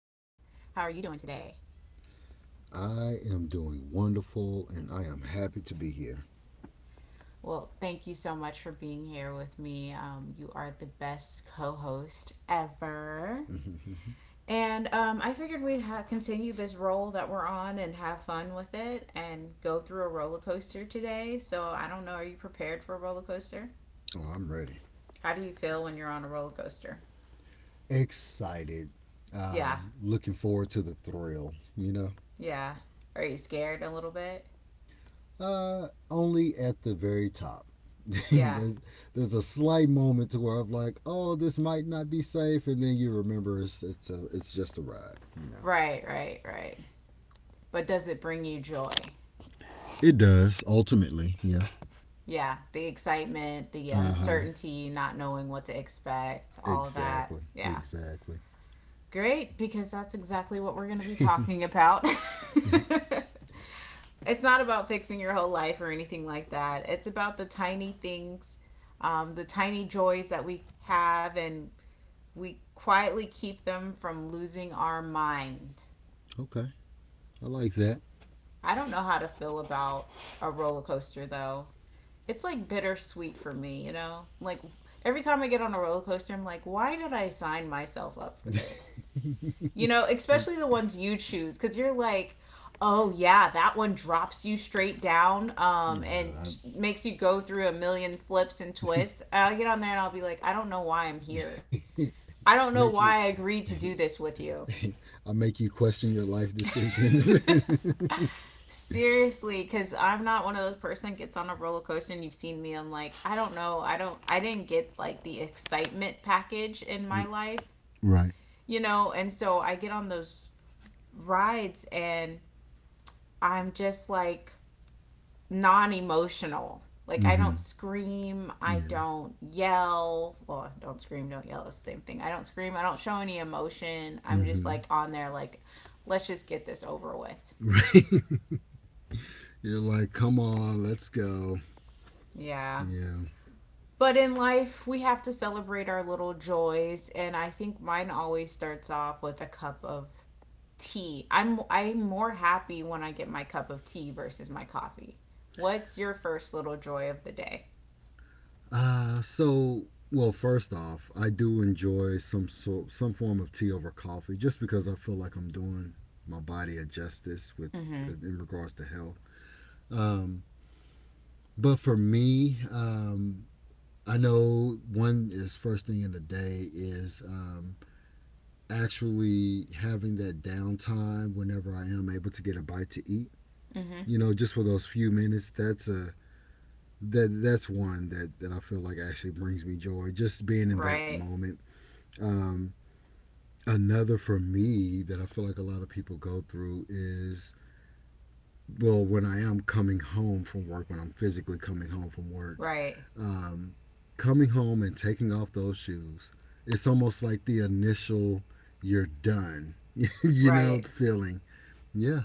How are you doing today? I am doing wonderful and I am happy to be here. Well, thank you so much for being here with me. You are the best co host ever. Oh, And I figured we'd continue this roll that we're on and have fun with it and go through a roller coaster today. So I don't know, are you prepared for a roller coaster? I'm ready. How do you feel when you're on a roller coaster? Excited. Yeah, Looking forward to the thrill, you know? yeah. Are you scared a little bit? Only at the very top. Yeah. there's there's a slight moment to where I'm like, oh, this might not be safe, and then you remember it's just a ride, you know. Right, right, right. But does it bring you joy? It does ultimately, yeah. Yeah, the excitement, the Uh huh. uncertainty, not knowing what to expect, all of that. Exactly, Yeah. exactly. Great, because that's exactly what we're going to be talking about. It's not about fixing your whole life or anything like that. It's about the tiny things, the tiny joys that we have, and we quietly keep them from losing our mind. Okay, I like that. I don't know how to feel about a roller coaster though. It's like bittersweet for me, you know? Like every time I get on a roller coaster, I'm like, why did I sign myself up for this? You know, It, especially the ones you choose cuz you're like, oh yeah, that one drops you straight down you and know, makes you go through a million flips and twists. I'll get on there and I'll be like, I don't know why I'm here. I, I don't make know sure why I agreed to do this with you. I will make you question your life decisions. Seriously, because I'm not one of those person that gets on a roller coaster and you've seen me. I'm like, I don't know, I didn't get like the excitement package in my life, Right. you know. And so I get on those rides and I'm just like non-emotional. Like I Mm-hmm. don't scream, I Yeah. don't yell. Well, don't scream, don't yell. It's the same thing. I don't scream. I don't show any emotion. I'm just Mm-hmm. like on there, like, let's just get this over with. Right. You're like, come on, let's go. Yeah. Yeah. But in life, we have to celebrate our little joys, and I think mine always starts off with a cup of tea. I'm more happy when I get my cup of tea versus my coffee. What's your first little joy of the day? Uh, so, well, first off, I do enjoy some form of tea over coffee, just because I feel like I'm doing my body a justice with Mhm. in regards to health. Um, but for me, I know one is, first thing in the day is, actually having that downtime whenever I am able to get a bite to eat. Mhm. You know, just for those few minutes, that's one that I feel like actually brings me joy. Just being in that Right. moment. Um, another for me that I feel like a lot of people go through is, well, when I am coming home from work, when I'm physically coming home from work, Right. um, coming home and taking off those shoes. It's almost like the initial "you're done," you know, Right. feeling. Yeah,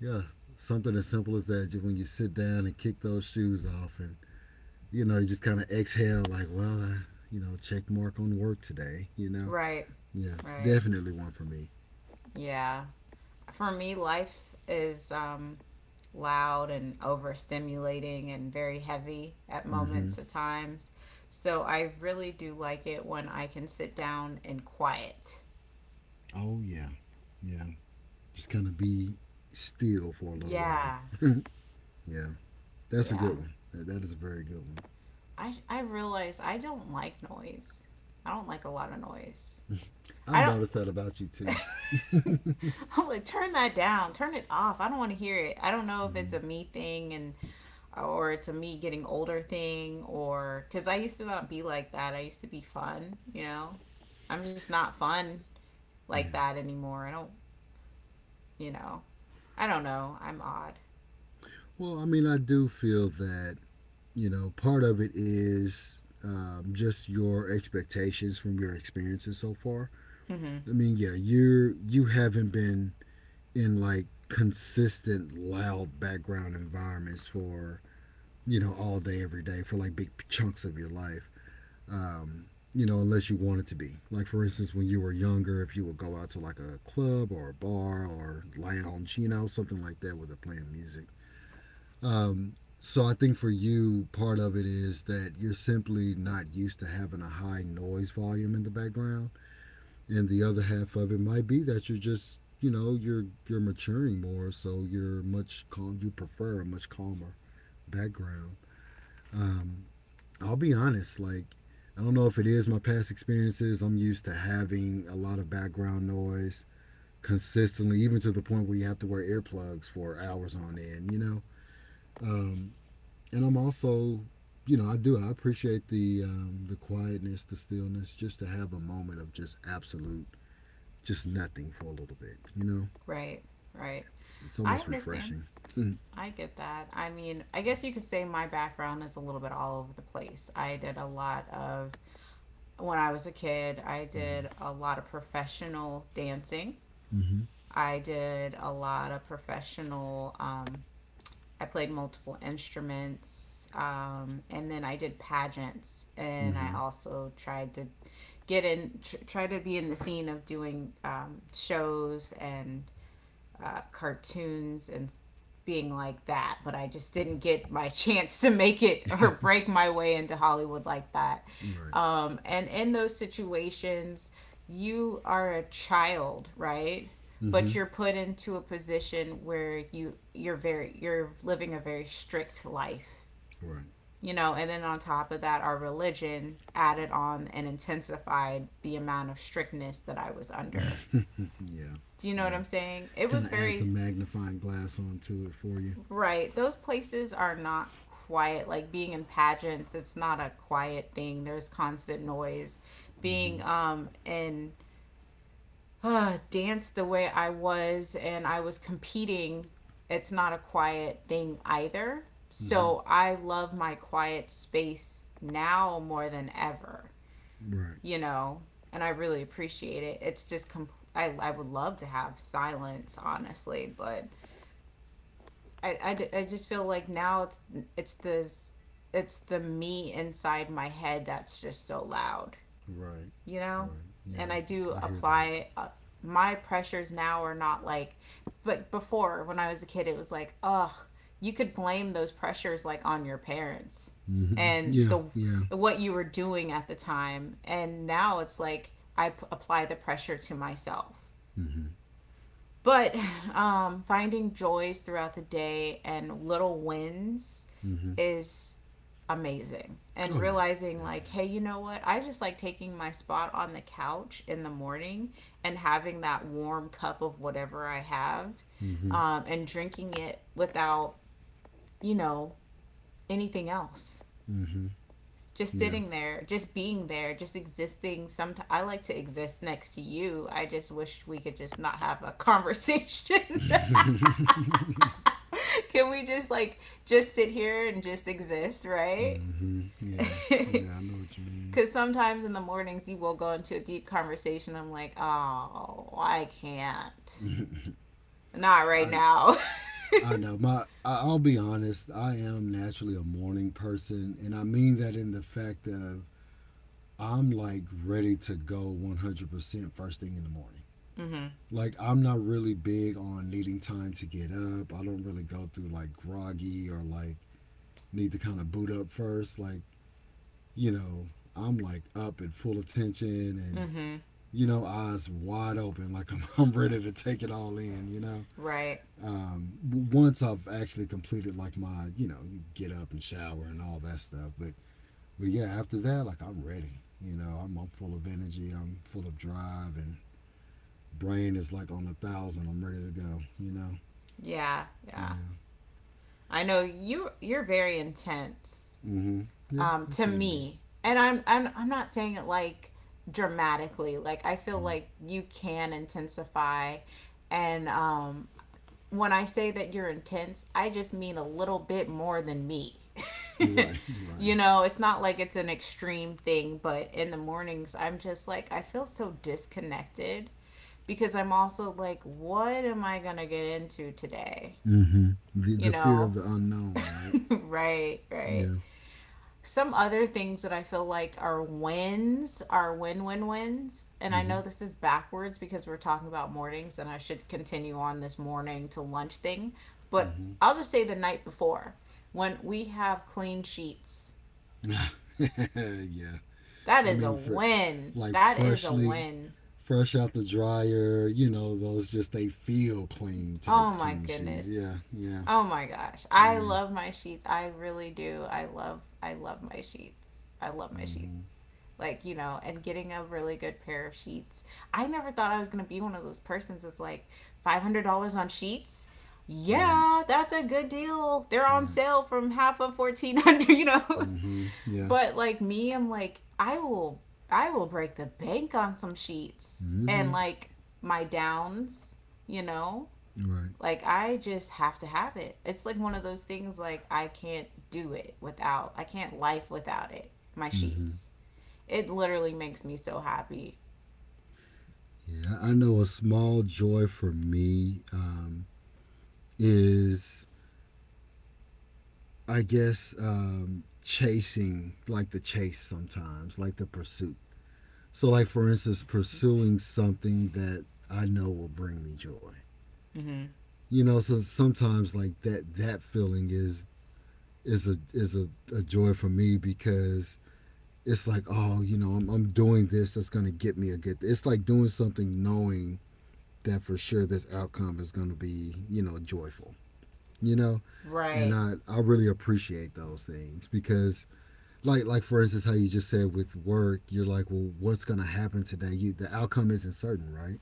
yeah, something as simple as that. Just when you sit down and kick those shoes off, and you know, you just kind of exhale, like, well, I, you know, check mark on work today. You know, Right. yeah, Right. definitely one for me. Yeah. For me, life is loud and overstimulating and very heavy at Mm-hmm. moments at times. So I really do like it when I can sit down and quiet. Oh yeah, yeah. Just kind of be still for a little while. Yeah, Yeah, that's a yeah. good one. That, that is a very good one. I realize I don't like noise. I don't like a lot of noise. I've I noticed that about you too. don't. I'm like, turn that down. Turn it off. I don't want to hear it. I don't know if it's Mm-hmm. a me thing and or it's a me getting older thing, or because I used to not be like that. I used to be fun, you know. I'm just not fun like Yeah. that anymore. I don't you know I don't know. I'm odd. Well, I mean, I do feel that, you know, part of it is, just your expectations from your experiences so far. Mm-hmm. I mean, yeah, you're, you haven't been in like consistent loud background environments for, you know, all day every day for like big chunks of your life. Um, you know, unless you wanted to be. Like for instance, when you were younger, if you would go out to like a club or a bar or lounge, you know, something like that, where they're playing music, so I think for you, part of it is that you're simply not used to having a high noise volume in the background, and the other half of it might be that you're just, you know, you're maturing more, so you're much calm. You prefer a much calmer background. Um, I'll be honest, like I don't know if it is my past experiences. I'm used to having a lot of background noise consistently, even to the point where you have to wear earplugs for hours on end. You know. Um, and I'm also, you know, I do. I appreciate the quietness, the stillness, just to have a moment of just absolute, just nothing for a little bit. You know, Right, right, it's I almost understand. refreshing. Mm-hmm. I get that. I mean, I guess you could say my background is a little bit all over the place. I did a lot of When I was a kid, I did a lot of professional dancing. Mm-hmm. I did a lot of professional I played multiple instruments, and then I did pageants, and I Mm-hmm. also tried to try to be in the scene of doing shows and cartoons and being like that, but I just didn't get my chance to make it or break my way into Hollywood like that. Right. And in those situations, you are a child, right? But Mm-hmm. you're put into a position where you're living a very strict life, you know. And then on top of that, our religion added on and intensified the amount of strictness that I was under. Right. Yeah. Do you know what Yeah. I'm saying? It was Kind of add very. some magnifying glass onto it for you. Right. Those places are not quiet. Like being in pageants, it's not a quiet thing. There's constant noise. Being Mm-hmm. In dance the way I was and I was competing, it's not a quiet thing either. Mm-hmm. So I love my quiet space now more than ever, Right. you know, and I really appreciate it. It's just, I would love to have silence, honestly, but I, I just feel like now it's this it's the me inside my head that's just so loud, Right. you know. Right. And Yeah. I do I hear that. apply, my pressures now are not like, but before when I was a kid it was like, ugh, you could blame those pressures like on your parents Mm-hmm. and Yeah. the Yeah. what you were doing at the time, and now it's like I apply the pressure to myself. Mm-hmm. But finding joys throughout the day and little wins Mm-hmm. is amazing, and Oh yeah. realizing like, Definitely. hey, you know what, I just like taking my spot on the couch in the morning and having that warm cup of whatever I have, Mm-hmm. And drinking it without, you know anything else. Mm-hmm. Just Yeah. sitting there, just being there, just existing. Sometimes I like to exist next to you. I just wish we could just not have a conversation. hmm Can we just like, just sit here and just exist, right? Yeah. Yeah, I know what you mean. Because sometimes in the mornings you will go into a deep conversation. I'm like, oh, I can't. Not right I now. I'll be honest, I am naturally a morning person and I mean that in the fact of I'm like ready to go 100% first thing in the morning. mm Like I'm not really big on needing time to get up. I don't really go through like groggy or like need to kind of boot up first like, you know, I'm like up and full attention and hmm. Mm hmm. you know, eyes wide open, like I'm, I'm ready to take it all in, you know. Right. Um, once I've actually completed like my, you know, get up and shower and all that stuff, but yeah, after that, like I'm ready, you know, I'm full of energy, I'm full of drive, and brain is like on a thousand, I'm ready to go, you know. Yeah. Yeah. Yeah, I know you. You're very intense. mm-hmm. Yeah, I To can be. me, and I'm not saying it like dramatically. Like I feel like you can intensify, and when I say that you're intense, I just mean a little bit more than me. Mm-hmm. Right, right. you know, it's not like it's an extreme thing, but in the mornings, I'm just like, I feel so disconnected because I'm also like, what am I going to get into today? Mm-hmm. The You fear know, of the unknown, right? right, right. Yeah. Some other things that I feel like are wins are wins. And I know this is backwards because we're talking about mornings and I should continue on this morning to lunch thing. But Mm-hmm. I'll just say the night before, when we have clean sheets. Mm-hmm. Yeah. That I is a mean, for win. like That is a freshly win. fresh out the dryer, you know, those just they feel clean type Oh my clean sheets. Yeah, goodness. yeah, Oh my gosh. I yeah. love my sheets. I really do. I love my sheets. I love my Mhm. sheets. Like, and getting a really good pair of sheets. I never thought I was going to be one of those persons that's like $500 on sheets. Right, Yeah, that's a good deal. They're on right. sale from half of 1,400, you know. Mhm. Yeah. But like me, I'm like I will break the bank on some sheets and Mhm. like my downs, you know, Right. like I just have to have it. It's like one of those things like I can't do it without. I can't life without it. My Mhm. sheets. It literally makes me so happy. Yeah, I know a small joy for me is, I guess, chasing, like the chase sometimes, like the pursuit. So like for instance, pursuing something that I know will bring me joy. Mm-hmm. You know, so sometimes like that feeling is is a is a, a joy for me because it's like, oh, you know, I'm doing this, that's gonna get me a good, it's like doing something knowing that for sure this outcome is gonna be, you know, joyful, you know. And Right. I really appreciate those things because like for instance how you just said with work you're like, well, what's gonna happen today, you, the outcome isn't certain, right?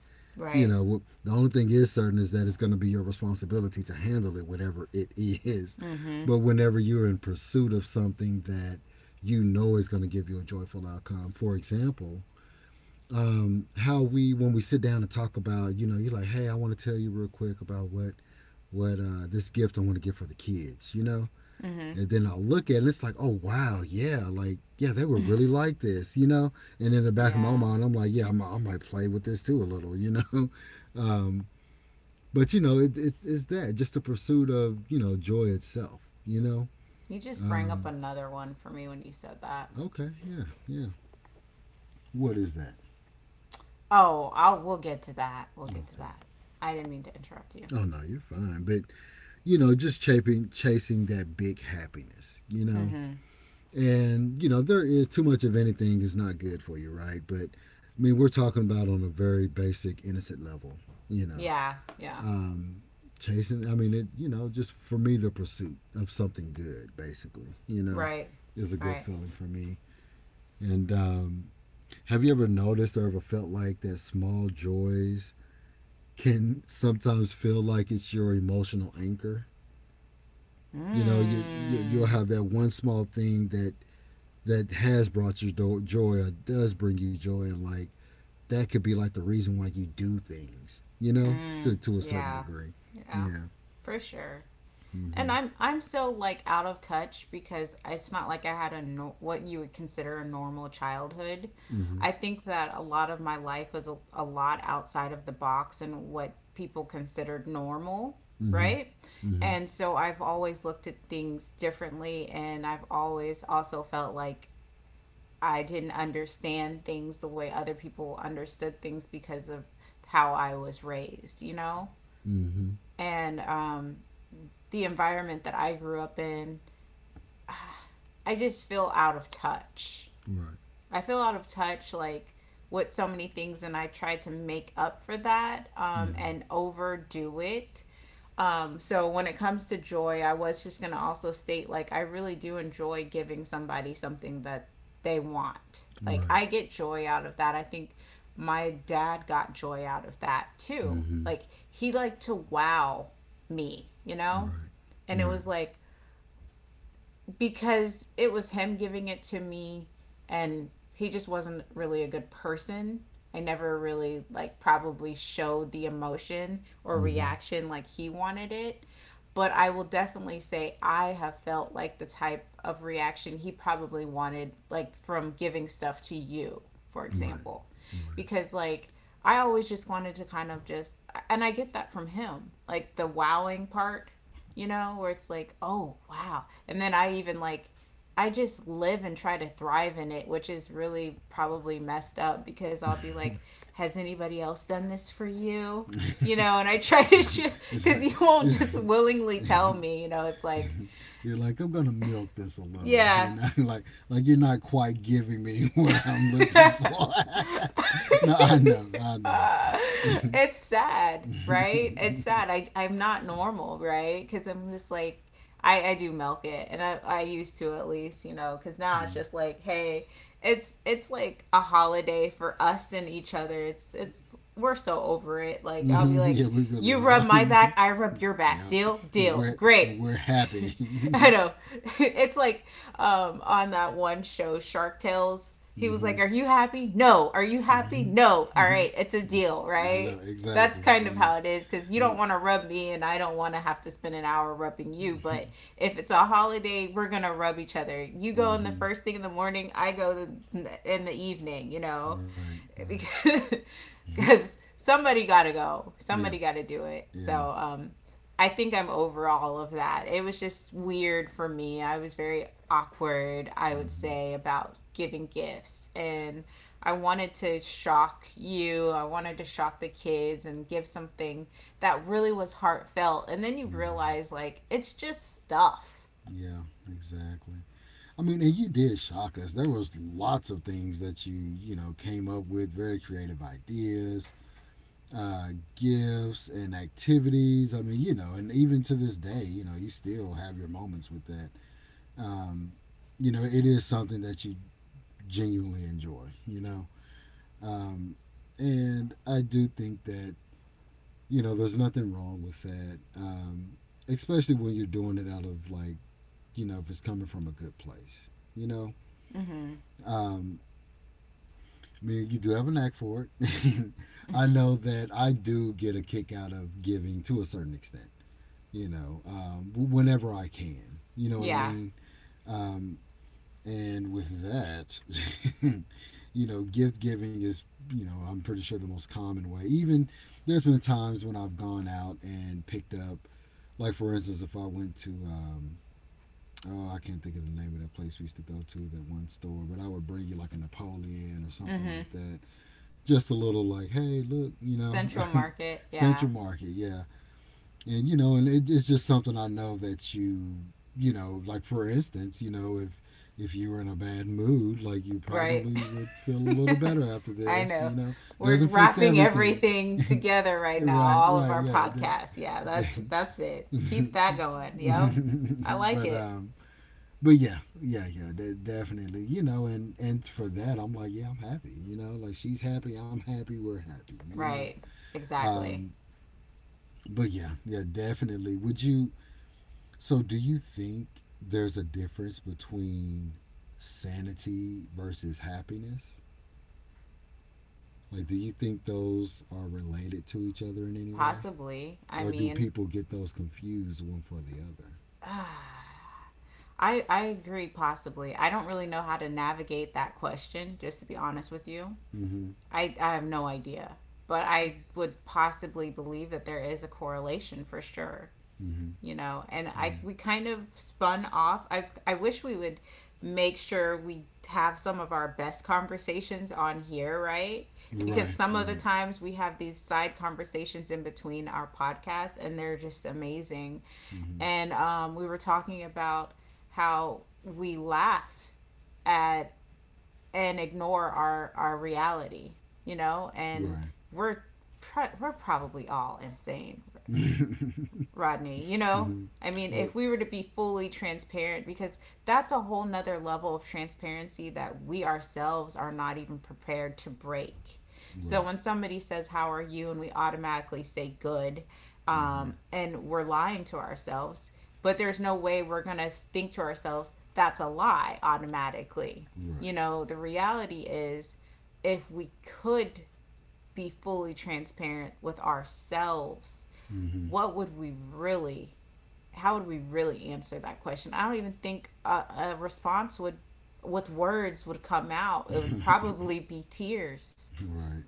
You Right. know, the only thing is certain is that it's going to be your responsibility to handle it, whatever it is. Mhm. But whenever you're in pursuit of something that you know is going to give you a joyful outcome, for example, how we when we sit down and talk about, you know, you're like, hey, I want to tell you real quick about what this gift I want to get for the kids, you know. Mhm. And then I'll look at it and it's like, oh wow, yeah, like yeah, they would really like this, you know. And in the back of my Yeah. mind, I'm like, yeah, I'm, I might play with this too a little, you know. Um, but you know, it's that just the pursuit of, you know, joy itself. You know, You just bring up um, another one for me when you said that. okay, yeah, yeah. What is that? Oh, I'll we'll get to that. We'll get to that. Okay. I didn't mean to interrupt you. Oh no, you're fine. But you know, just chasing that big happiness. You know, Mhm. and you know there is, too much of anything is not good for you, right? But I mean, we're talking about on a very basic, innocent level. You know, Yeah. Yeah. um, chasing. I mean, it. You know, just for me, the pursuit of something good, basically. You know, Right. is a good Right. feeling for me. And have you ever noticed or ever felt like that small joys can sometimes feel like it's your emotional anchor? You know, you, you'll Mm. have that one small thing that has brought you joy or does bring you joy, and like that could be like the reason why you do things. You know, to Mm. A certain Yeah. degree. Yeah. Yeah. For sure. And Mm-hmm. I'm still like out of touch because it's not like I had a, no, what you would consider a normal childhood. Mm-hmm. I think that a lot of my life was a lot outside of the box and what people considered normal, right? Mm-hmm. And so I've always looked at things differently and I've always also felt like I didn't understand things the way other people understood things because of how I was raised, you know? Mm-hmm. Mm-hmm. And the environment that I grew up in, I just feel out of touch. Right. I feel out of touch like with so many things and I try to make up for that, Mm-hmm. and overdo it. So when it comes to joy, I was just going to also state like I really do enjoy giving somebody something that they want. Like I Right. get joy out of that. I think my dad got joy out of that too. Mm-hmm. Like he liked to wow me, you know? Right. And it Right. was like, because it was him giving it to me, and he just wasn't really a good person. I never really like probably showed the emotion or Mm-hmm. reaction like he wanted it. But I will definitely say I have felt like the type of reaction he probably wanted like from giving stuff to you, for Right. example. Right. Because like I always just wanted to kind of just, and I get that from him. Like the wowing part, you know, where it's like, oh, wow. And then I even like, I just live and try to thrive in it, which is really probably messed up because I'll be like, has anybody else done this for you? You know, and I try to, it's like, because you won't it's just like willingly tell me, it's like, you're like, I'm gonna milk this a little, you yeah, know, like you're not quite giving me what I'm looking for. No, I know, I know. hmm it's sad, right? It's sad. I'm not normal, right? Because I'm just like, I do milk it. And I used to at least, you know, because now it's just like, hey, it's like a holiday for us and each other. It's we're so over it. Like I'll be yeah, like, we really you rub are. my back, I rub your back. Yep, Deal, and deal, we're great. and we're happy. I Hmm. know. It's like on that one show, Shark Tales. He was like, "Are you happy? No. Are you Hmm. happy? No. All Hmm. right, it's a deal, I know right?" That's exactly. kind of Yeah. how it is because you don't No. want to rub me and I don't want to have to spend an hour rubbing you. But if it's a holiday, we're going to rub each other. You go in the Hmm. first thing in the morning, I go in the evening, you know? Right. Right. Because Mhm. because somebody got to go. Somebody Yeah. got to do it. Yeah. So I think I'm over all of that. It was just weird for me. I was very awkward, I would Hmm. say, about giving gifts. And I wanted to shock you. I wanted to shock the kids and give something that really was heartfelt. And then you Hmm. realize, like, it's just stuff. Yeah, exactly. I mean, and you did shock us. There was lots of things that you know, came up with, very creative ideas, uh, gifts and activities. I mean, you know, and even to this day, you know, you still have your moments with that. Um, you know, it is something that you genuinely enjoy, you know. Um, and I do think that, you know, there's nothing wrong with that. Especially when you're doing it out of like, you know, if it's coming from a good place. You know, Mm hmm. um, I mean, you do have a knack for it. I know that I do get a kick out of giving to a certain extent. You know, whenever I can. You know what I Yeah. mean? Um, and with that, you know, gift giving is, you know, I'm pretty sure the most common way. Even there's been times when I've gone out and picked up, like for instance, if I went to oh, I can't think of the name of that place we used to go to, that one store, but I would bring you like a Napoleon or Mm something hmm. like that. Just a little like, hey, look, you know, Central Market. Yeah. Central Market, yeah. And, you know, and it's just something I know that you know, like for instance, you know, if you were in a bad mood, like you Right. probably would feel a little better after I this, you know. know, doesn't We're fix wrapping everything. everything together right now, Right, all of right, our yeah. The, podcasts. Yeah, the that's it. Keep that going. Yep. I like but it. um but that definitely, you know, and for that, I'm like, yeah, I'm happy, you know, like she's happy, I'm happy, we're happy, you know. Right. Exactly. Um, but yeah, yeah, definitely. Would you? So, do you think there's a difference between sanity versus happiness? Like, do you think those are related to each other in any way, Possibly. I or do mean, people get those confused one for the other? uh, I agree possibly. I don't really know how to navigate that question, just to be honest with you. Mm-hmm. I have no idea. But I would possibly believe that there is a correlation for sure. Mm-hmm. You know, and I Yeah. we kind of spun off. I wish we would make sure we have some of our best conversations on here, right? Because Right. some of Right. the times we have these side conversations in between our podcasts and they're just amazing, Mm-hmm. and we were talking about how we laugh at and ignore our reality, you know, and we're we're probably all insane, Right. Rodney, you know? Mm-hmm. I mean, Well, if we were to be fully transparent, because that's a whole nother level of transparency that we ourselves are not even prepared to break. So right. when somebody says, how are you? And we automatically say good, Mm-hmm. And we're lying to ourselves, but there's no way we're going to think to ourselves, that's a lie automatically. You Right. know, the reality is if we could be fully transparent with ourselves, Mm-hmm. what would we really how would we really answer that question? I don't even think a response would with words would come out. It would probably be tears right.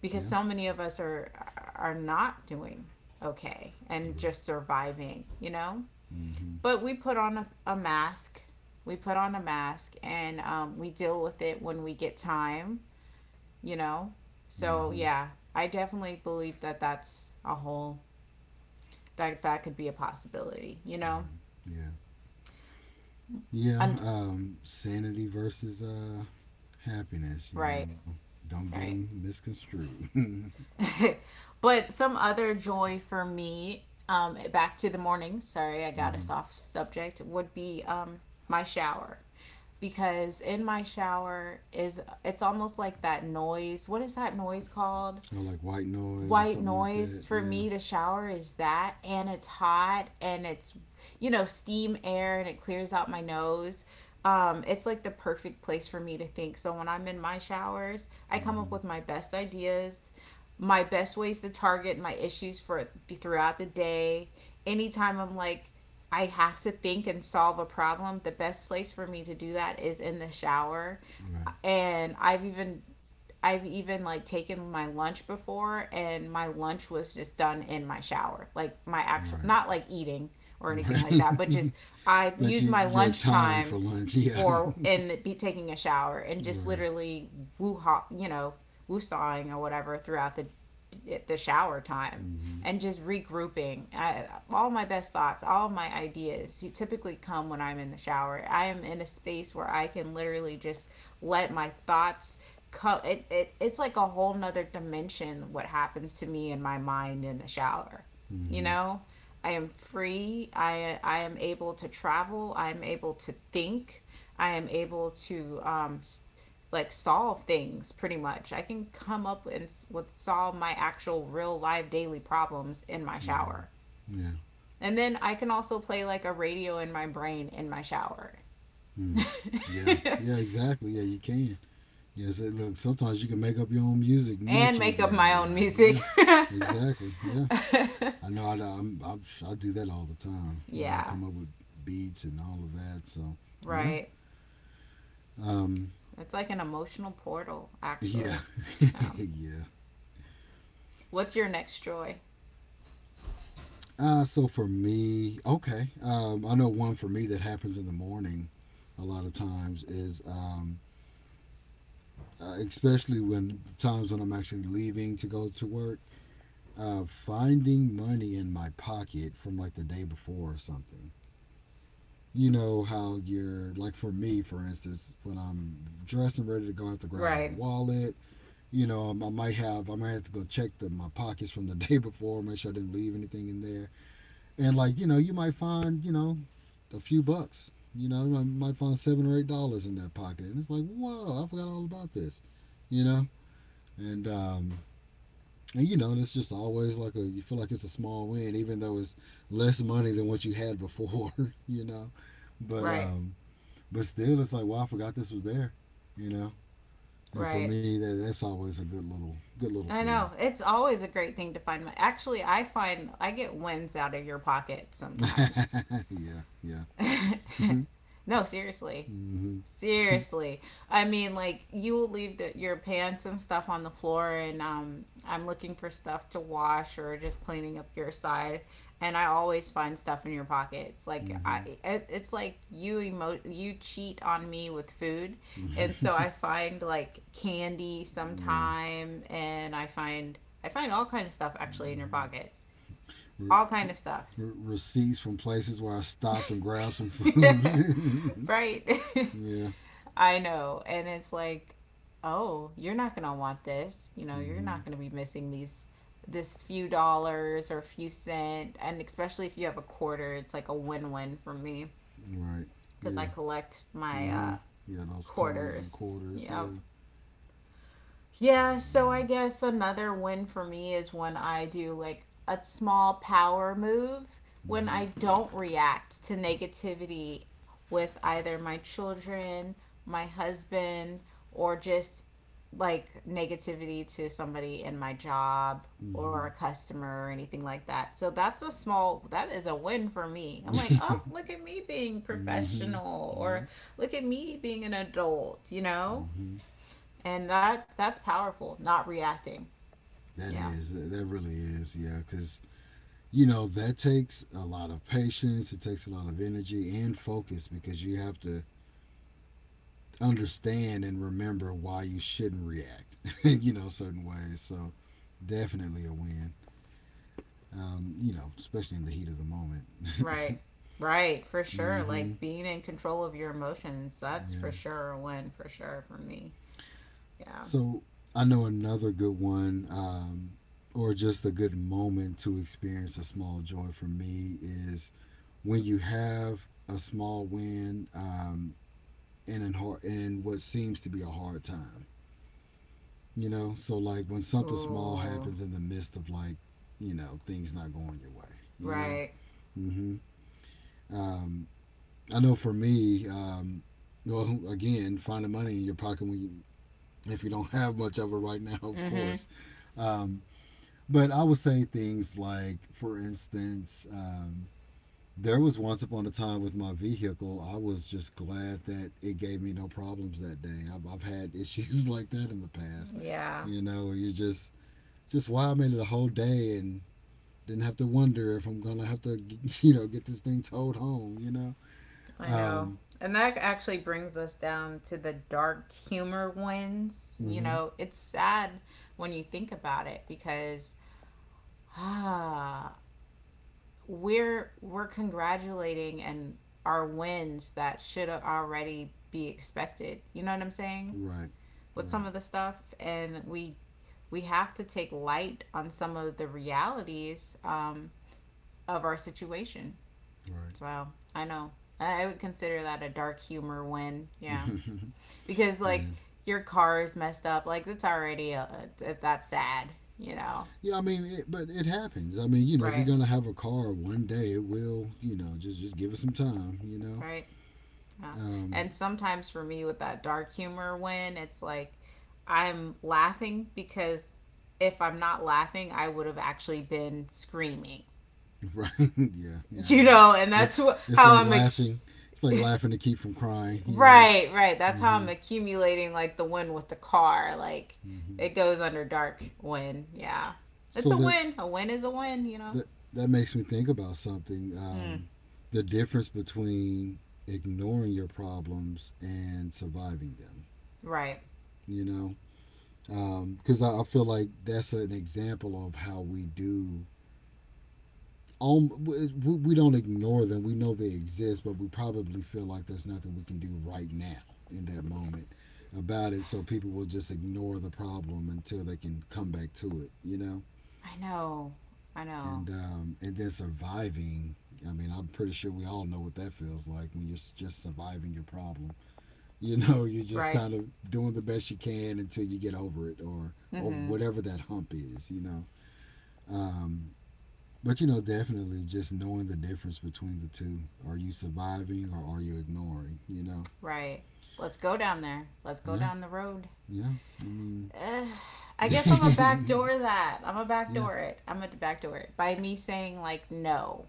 because Yeah. so many of us are not doing okay and Right. just surviving, you know. Mm-hmm. But we put on a mask. We put on a mask, and we deal with it when we get time, you know. So Mm-hmm. yeah, I definitely believe that that's a whole that that could be a possibility, you know. Right. Yeah. Yeah. And Sanity versus happiness. Right, Don't get them right. misconstrued. mm-hmm. But some other joy for me, back to the morning, sorry, I got us off subject, would be my shower. Because in my shower is it's almost like that noise. What is that noise called? Oh, like white noise or White something like that. noise. For Yeah. me, the shower is that, and it's hot, and it's you know, steam air, and it clears out my nose. It's like the perfect place for me to think, so when I'm in my showers, I come up Mm-hmm. with my best ideas, my best ways to target my issues for throughout the day. Anytime I'm like, I have to think and solve a problem, the best place for me to do that is in the shower. Right. And I've even like taken my lunch before, and my lunch was just done in my shower. Like my actual, Right. not like eating or anything like Right. that, but just I but used you, my your time lunchtime for lunch. Yeah. for and be taking a shower, and just right. literally woo, you know, woosawing or whatever throughout the shower time, Mm-hmm. and just regrouping. All my best thoughts, all of my ideas, you typically come when I'm in the shower. I am in a space where I can literally just let my thoughts come. It's like a whole nother dimension what happens to me in my mind in the shower. You Mm-hmm. know, I am free. I am able to travel. I am able to think. I am able to like solve things pretty much. I can come up and with solve my actual real live daily problems in my Mm-hmm. shower. Yeah. And then I can also play like a radio in my brain in my shower. Mm. Yeah, yeah, exactly. Yeah, you can. Yes, it, look, sometimes you can make up your own music much And make up easier my that own way. music. Yeah, exactly. Yeah, I know. I I do that all the time. You know, Yeah, come up with beats and all of that. So yeah, right. um, It's like an emotional portal yeah, actually. Um, yeah. what's your next joy? So for me, okay. I know one for me that happens in the morning a lot of times is, especially when times when I'm actually leaving to go to work. Of finding money in my pocket from like the day before or something. You know how you're like for me, for instance, when I'm dressed and ready to go, I have to grab my Right. wallet. You know, I might have to go check the, my pockets from the day before, make sure I didn't leave anything in there. And like you know, you might find you know a few bucks. You know, I might find $7 or $8 in that pocket, and it's like, whoa, I forgot all about this. You know, and um, And you know, it's just always like a you feel like it's a small win, even though it's less money than what you had before, you know. But Right. um, but still, it's like wow, I forgot this was there, you know. And for Right. me, that's always a good little I feeling. know. It's always a great thing to find money. Actually, I find I get wins out of your pocket sometimes. yeah, yeah. No, seriously. mm-hmm. Seriously. I mean, like, you will leave your pants and stuff on the floor, and I'm looking for stuff to wash or just cleaning up your side. And I always find stuff in your pockets. Like I, Mm-hmm. it, it's like you you cheat on me with food, and so I find like candy yeah. sometime, and I find all kind of stuff actually in your Mm-hmm. pockets, Re- all kind of stuff, receipts from places where I stopped and grabbed some food. right? yeah. I know. And it's like, oh, you're not going to want this. You know, you're Mm-hmm. not going to be missing these this few dollars or few cent, and especially if you have a quarter, it's like a win-win for me Right. because Yeah. I collect my Mm-hmm. Yeah, those coins and quarters. quarters. Yep. Yeah. Yeah, I Yeah, so know. I guess another win for me is when I do like a small power move when I don't react to negativity with either my children, my husband, or just like negativity to somebody in my job Mm-hmm. or a customer or anything like that. So that is a win for me. I'm like, Mm-hmm. "Oh, look at me being mm-hmm. professional Yeah. or look at me being an adult," you know? Mm-hmm. And that's powerful, not reacting. That Yeah, is. That really is. Yeah, because you know that takes a lot of patience. It takes a lot of energy and focus because you have to understand and remember why you shouldn't react. you know, certain ways. So definitely a win. You know, especially in the heat of the moment. right, right, for sure. mm-hmm. Like being in control of your emotions, that's for Yeah. sure a win for sure for me. Yeah. So I know another good one, or just a good moment to experience a small joy for me is when you have a small win in an hard in what seems to be a hard time. You know, so like when something small Ooh. happens in the midst of like, you know, things not going your way. You know, Right. hmm um, I know for me, well, again, finding money in your pocket when you, if you don't have much of it right now, of Mm mhm. course. Um, But I would say things like, for instance, there was once upon a time with my vehicle, I was just glad that it gave me no problems that day. I've had issues like that in the past, Yeah, you know, where you just wow, I made it a whole day and didn't have to wonder if I'm going to have to, you know, get this thing towed home, you know? I know. Um, And that actually brings us down to the dark humor wins. You mm-hmm, know, it's sad when you think about it because ah, we're congratulating and our wins that should already be expected. You know what I'm saying? right, With some right, of the stuff, and we have to take light on some of the realities of our situation. right. So I know I would consider that a dark humor win. Yeah, because like yeah. your car is messed up, like that's already that's sad. You know, Yeah, I mean, it, but it happens. I mean, you know, if you're right? gonna have a car one day, it will. You know, just give it some time. You know, Right. Yeah. um, And sometimes for me with that dark humor, when it's like I'm laughing because if I'm not laughing, I would have actually been screaming. right? yeah, yeah. And You I like know, and It's that's wh- it's how like I'm ac- laughing. It's like laughing to keep from crying. You know. right, right. That's how I'm Hmm accumulating like the win with the car. Like hmm it goes under dark win. Yeah. It's So a win. A win is a win, you know. that that makes me think about something. Hmm. The difference between ignoring your problems and surviving them. Right. You know, because I feel like that's an example of how we do um, we, we don't ignore them. We know they exist, but we probably feel like there's nothing we can do right now in that moment about it. So people will just ignore the problem until they can come back to it, you know. I know. I know. And then surviving. I mean, I'm pretty sure we all know what that feels like when you're just surviving your problem. You know, you're just Right. kind of doing the best you can until you get over it or over Mhm. whatever that hump is. You know. Um, But you know, definitely just knowing the difference between the two. Are you surviving or are you ignoring? You know? Right. Let's go down there. Let's go Yeah, down the road. yeah. I mean, eh, I yeah, guess I'm a backdoor that. I'm a backdoor it. I'm a backdoor it by me saying like no,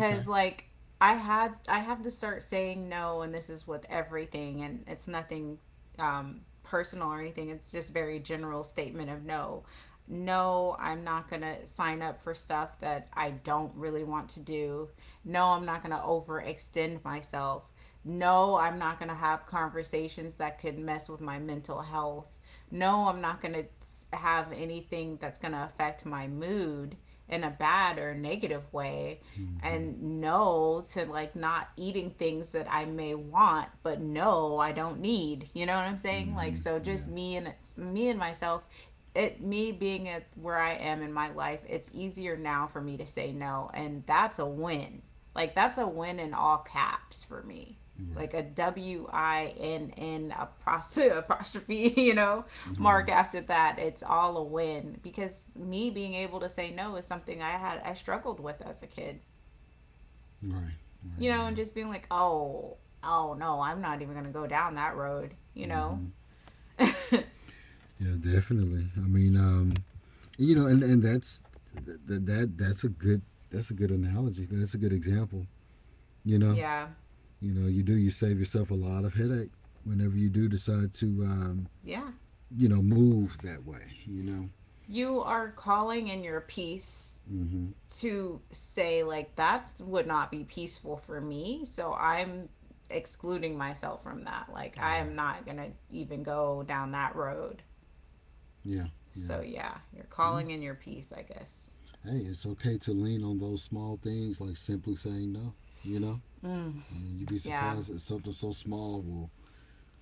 okay. like I have to start saying no, and this is with everything, and it's nothing personal or anything. It's just very general statement of no. No, I'm not going to sign up for stuff that I don't really want to do. No, I'm not going to overextend myself. No, I'm not going to have conversations that could mess with my mental health. No, I'm not going to have anything that's going to affect my mood in a bad or negative way. mm hmm And no to like not eating things that I may want, but no, I don't need. You know what I'm saying? mm Like hmm so just Yeah, me and myself, it me being at where I am in my life, it's easier now for me to say no, and that's a win. Like that's a win in all caps for me. right, Like a WINN apostrophe, apostrophe, you know, mark right, after that. It's all a win because me being able to say no is something I struggled with as a kid. right, You right, know, yeah. and just being like, "Oh, oh no, I'm not even going to go down that road," you mm know? hmm Yeah, definitely. I mean, you know, and that's that, that that's a good that's a good analogy. That's a good example. You know, Yeah. you know, you do you save yourself a lot of headache whenever you do decide to Yeah. you know, move that way, you know? You are calling in your peace Mm-hmm. to say, like, that would not be peaceful for me, so I'm excluding myself from that, like, I am Right. not gonna even go down that road. Yeah, yeah, So yeah, you're yeah. calling in your peace, I guess. Hey, it's okay to lean on those small things like simply saying no, you know? Mm, I mean, you'd be yeah. surprised that something so small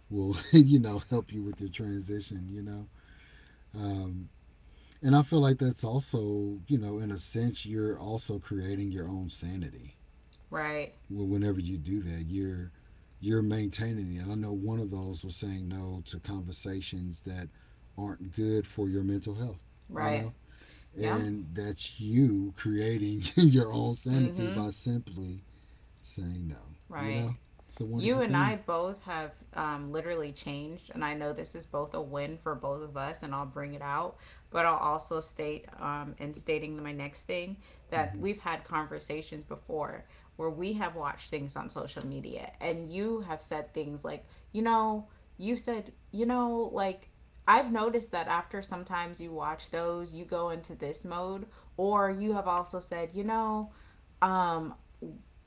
will you know, help you with your transition, you know? Um, and I feel like that's also, you know, in a sense, you're also creating your own sanity. Right. Well, whenever you do that, you're maintaining it. And I know one of those was saying no to conversations that aren't good for your mental health, you know? Right. Yep. And that's you creating your own sanity Mm-hmm. by simply saying no, you Right. know? It's a wonderful You and I thing. both have literally changed, and I know this is both a win for both of us, and I'll bring it out. But I'll also state, in stating my next thing, that Mm-hmm. we've had conversations before where we have watched things on social media, and you have said things like, you know, you said, you know, like, I've noticed that after sometimes you watch those, you go into this mode, or you have also said, you know, um,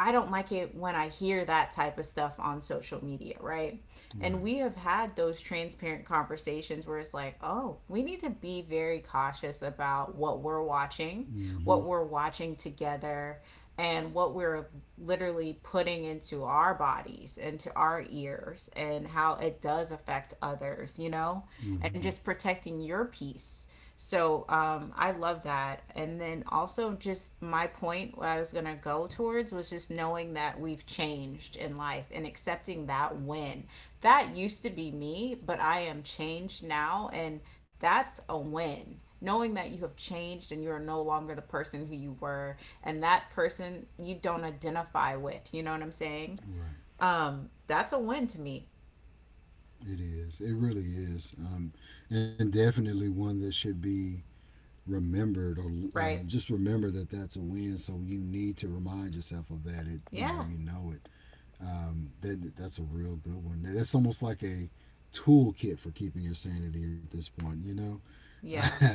I don't like it when I hear that type of stuff on social media, right? And Right. we have had those transparent conversations where it's like, oh, we need to be very cautious about Mm-hmm. what we're watching together, and what we're literally putting into our bodies, into our ears, and how it does affect others, you know? And Mm-hmm. just protecting your peace. So I love that. And then also, just my point where I was going to go towards was just knowing that we've changed in life and accepting that win. That used to be me, but I am changed now. And that's a win. Knowing that you have changed and you are no longer the person who you were, and that person you don't identify with. You know what I'm saying? Right. That's a win to me, It is. It really is. And definitely one that should be remembered or right? just remember that that's a win. So you need to remind yourself of that. It Yeah, you know it. That that's a real good one. That's almost like a toolkit for keeping your sanity at this point. You know, yeah,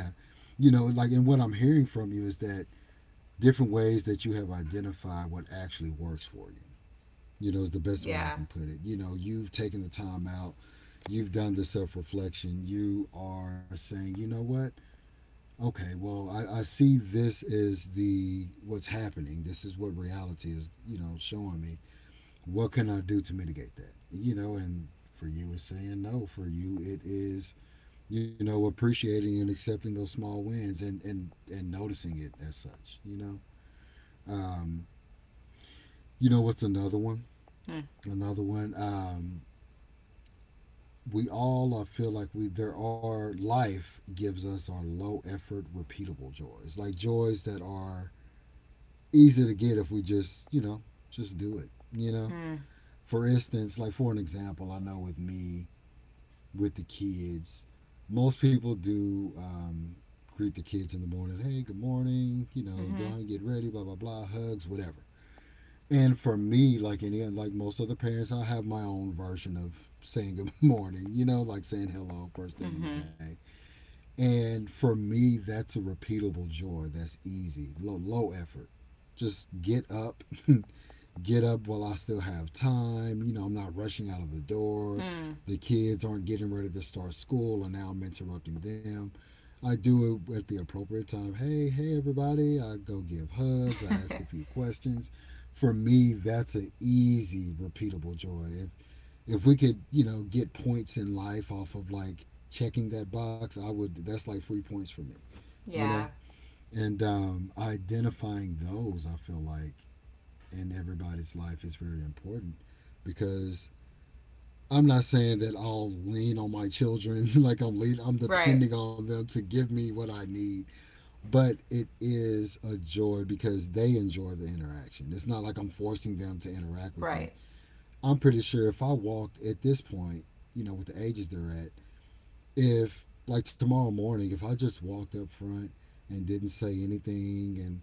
you know, like and what I'm hearing from you is that different ways that you have identified what actually works for you. You know, is the best way I yeah. can put it. You know, you've taken the time out, you've done the self reflection, you are saying, you know what, okay well I see this is the what's happening this is what reality is you know showing me what can I do to mitigate that you know and for you it's saying no for you it is you know appreciating and accepting those small wins and noticing it as such um you know what's Hmm. another one we all I feel like we there are life gives us our low effort repeatable joys like joys that are easy to get if we just, you know, just do it, you know? Mm, For instance, like for an example, I know with me, with the kids, most people do greet the kids in the morning. Hey, good morning. You know, go on, get ready, blah, blah, blah, hugs, whatever. And for me, like any, like most other parents, I have my own version of saying good morning, you know, like saying hello first thing in the mm-hmm. day. And for me, that's a repeatable joy. That's easy, low effort. Just get up, get up while I still have time. You know, I'm not rushing out of the door. Mm-hmm. Mm. The kids aren't getting ready to start school, and now I'm interrupting them. I do it at the appropriate time. Hey, hey, everybody. I go give hugs. I ask a few questions. For me, that's an easy, repeatable joy. If we could, you know, get points in life off of like checking that box, I would. That's like free points for me, you know. Yeah. And identifying those, I feel like in everybody's life is very important because I'm not saying that I'll lean on my children like I'm Right. depending on them to give me what I need, but it is a joy because they enjoy the interaction. It's not like I'm forcing them to interact with me. Right. I'm pretty sure if I walked at this point, you know, with the ages they're at, if like tomorrow morning, if I just walked up front and didn't say anything and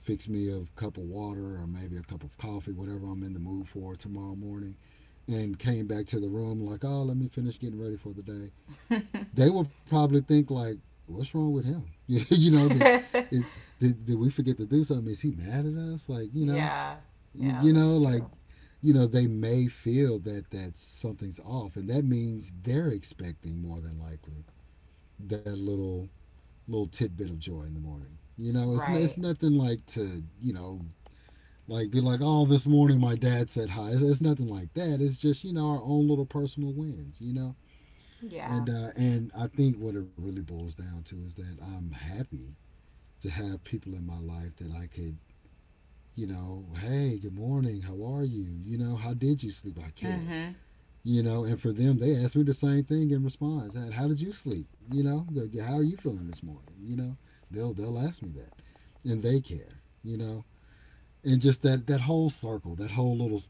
fix me a cup of water or maybe a cup of coffee, whatever I'm in the mood for tomorrow morning, and came back to the room like, oh, let me finish getting ready for the day, they would probably think like, what's wrong with him? You know that it did we forget to do something? Is he mad at us? Like, you know, Yeah. you, Yeah, you that's know, like true. you know, they may feel that something's off, and that means they're expecting more than likely that little tidbit of joy in the morning. You know, it's Right. nothing like to, you know. Like, be like, oh, this morning my dad said hi. It's nothing like that. It's just, you know, our own little personal wins, you know? Yeah. And I think what it really boils down to is that I'm happy to have people in my life that I could, you know, hey, good morning, how are you? You know, how did you sleep? I care. Mm-hmm. You know, and for them, they ask me the same thing in response. How did you sleep? You know, how are you feeling this morning? You know, they'll ask me that, and they care. You know, and just that whole circle, that whole little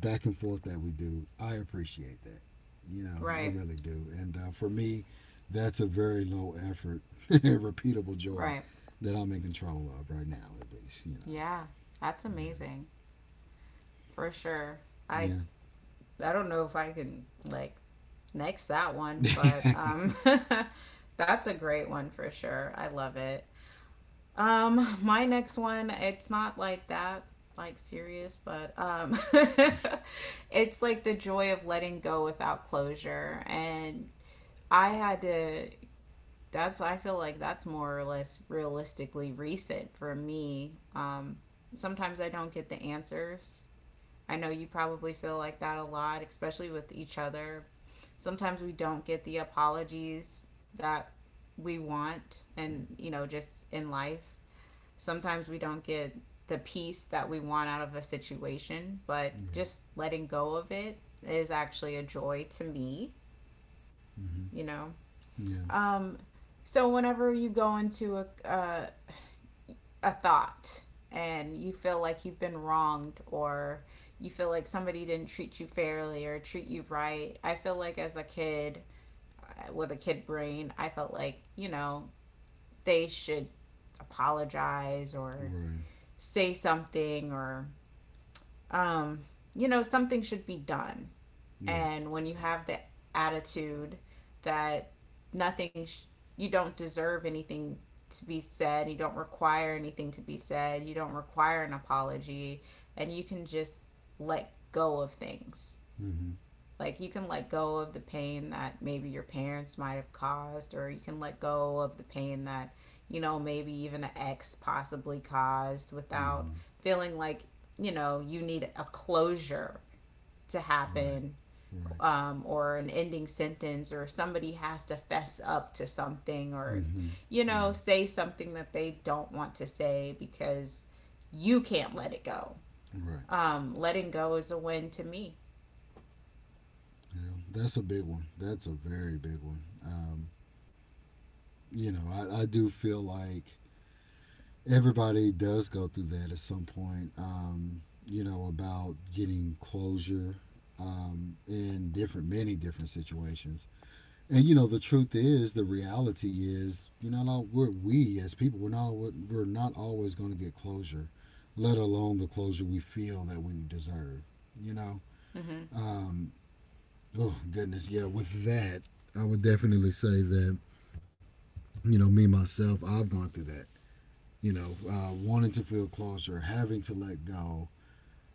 back and forth that we do, I appreciate that. You know, I Right. really do. And for me, that's a very low effort, repeatable joy Right. that I'm in control of right now, at least. You know, Yeah. That's amazing. For sure. I yeah, yeah, I don't know if I can, like, next that one, but right, that's a great one for sure. I love it. My next one, it's not like that, like serious, but it's like the joy of letting go without closure. And I had to, that's, I feel like that's more or less realistically recent for me. Sometimes I don't get the answers. I know you probably feel like that a lot, especially with each other. Sometimes we don't get the apologies that we want and, you know, just in life sometimes we don't get the peace that we want out of a situation, but just letting go of it is actually a joy to me, mm-hmm. you know. Yeah, Um, so whenever you go into a thought and you feel like you've been wronged or you feel like somebody didn't treat you fairly or treat you right, I feel like as a kid with a kid brain, I felt like, you know, they should apologize or right, say something, or um, you know, something should be done. right, And when you have the attitude that nothing, sh- you don't deserve anything to be said, you don't require anything to be said, you don't require an apology, and you can just let go of things, mm-hmm. like you can let go of the pain that maybe your parents might have caused, or you can let go of the pain that, you know, maybe even an ex possibly caused, without Mm-hmm. feeling like, you know, you need a closure to Right, happen, right, or an ending sentence, or somebody has to fess up to something, or, mm-hmm. you Yeah, know, say something that they don't want to say because you can't let it go. right. Letting go is a win to me. You know, that's a big one. That's a very big one. You know, I do feel like everybody does go through that at some point. You know, about getting closure in different, many different situations. And you know, the truth is, the reality is, you know, we're, we as people. We're not always going to get closure, let alone the closure we feel that we deserve. You know. Um, oh goodness, yeah. With that, I would definitely say that you know, me myself, I've gone through that, you know, wanting to feel closure, having to let go.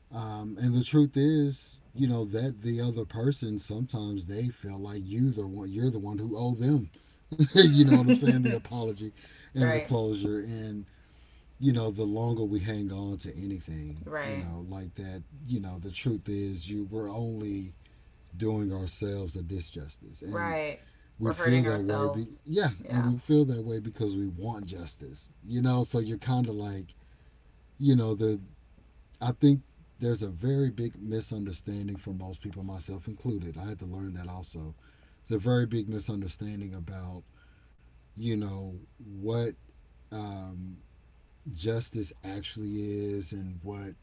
And the truth is, you know, that the other person, sometimes they feel like you're the one who owe them. You know what I'm saying? The Mm-hmm. apology and the Right. closure, and you know, the longer we hang on to anything, you Right. know, like that, you know, the truth is you we're only doing ourselves a disjustice. And Right. we We're feel hurting that way be ourselves. yeah, and Yeah. we feel that way because we want justice. You know, so you're kinda like, you know, the, I think there's a very big misunderstanding for most people, myself included. I had to learn that also. There's a very big misunderstanding about, you know, what um, justice actually is, and what,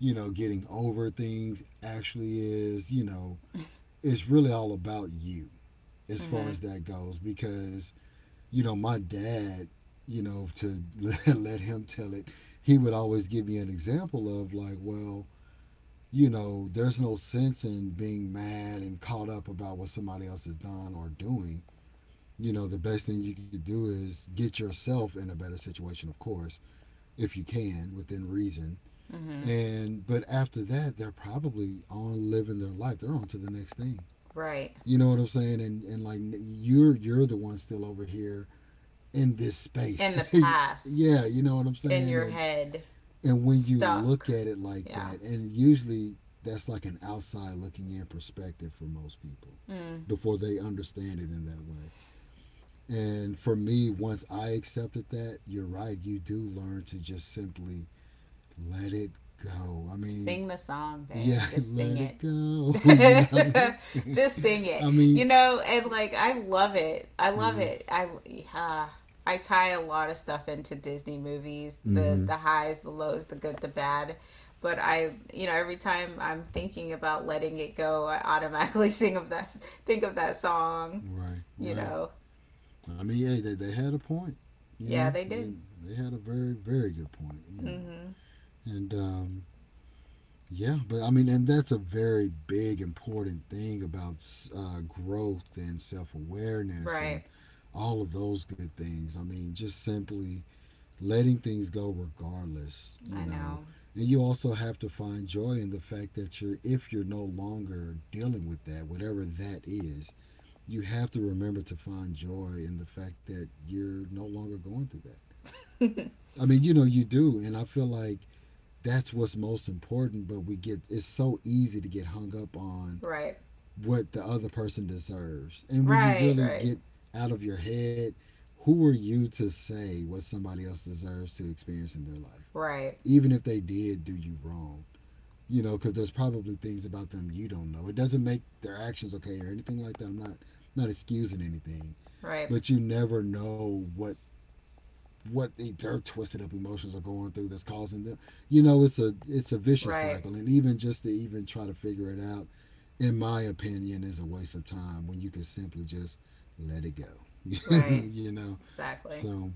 you know, getting over things actually is. You know, it's really all about you as far Mhm. as that goes because, you know, my dad, you know, to let him tell it, he would always give me an example of like, well, you know, there's no sense in being mad and caught up about what somebody else has done or doing. You know, the best thing you could do is get yourself in a better situation, of course, if you can, within reason. Mhm. And, but after that, they're probably on living their life. They're on to the next thing. Right. You know what I'm saying? And like, you're the one still over here in this In space. the past, Yeah, you know what I'm in saying? your And, head, and when you look stuck. at it like Yeah. that, and usually that's like an outside looking in perspective for most people Mm. before they understand it in that way. And for me, once I accepted that, you're right, you do learn to just simply let it go. I mean, Sing the song, babe. yeah, Just sing let it. it go, you know? Just sing it, I you mean, know, and like I love it. I love mm-hmm. it. I uh, i tie a lot of stuff into Disney movies, the Mm-hmm. the highs, the lows, the good, the bad, but I, every time I'm thinking about letting it go, I automatically sing of that think of that song, Right, you right. know? I mean, hey, they had a point, you Yeah, know? they did. They had a very, very good point, you know? Mm-hmm. And, yeah, but I mean, and that's a very big, important thing about growth and self awareness Right. and all of those good things. I mean, just simply letting things go regardless, you I know. know. And you also have to find joy in the fact that if you're no longer dealing with that, whatever that is, you have to remember to find joy in the fact that you're no longer going through that. I mean, you know, you do. And I feel like that's what's most important, but we get, it's so easy to get hung up on Right, what the other person deserves. And when you right, really right, get out of your head, who are you to say what somebody else deserves to experience in their life, right, even if they did do you wrong? You know, because there's probably things about them you don't know. It doesn't make their actions okay or anything like that. I'm not not excusing anything, right, but you never know what they, their twisted up emotions are going through that's causing them, you know. It's a vicious right, cycle, and even just to even try to figure it out, in my opinion, is a waste of time when you can simply just let it go. right, You know, exactly. so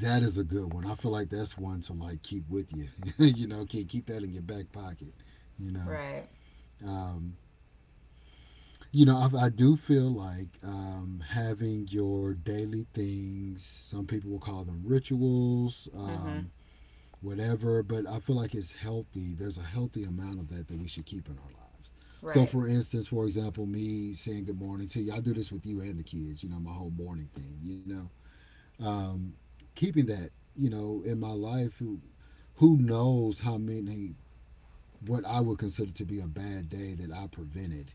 that is a good one. I feel like that's one to like keep with you. You know, keep that in your back pocket, you know. Right. Um, you know, I do feel like having your daily things, some people will call them rituals Mm-hmm. Whatever, but I feel like it's healthy. There's a healthy amount of that that we should keep in our lives. So, Right. for instance, for example, me saying good morning to you, I do this with you and the kids, you know, my whole morning thing, you know. Um, keeping that, you know, in my life, who knows how many, what I would consider to be a bad day that I prevented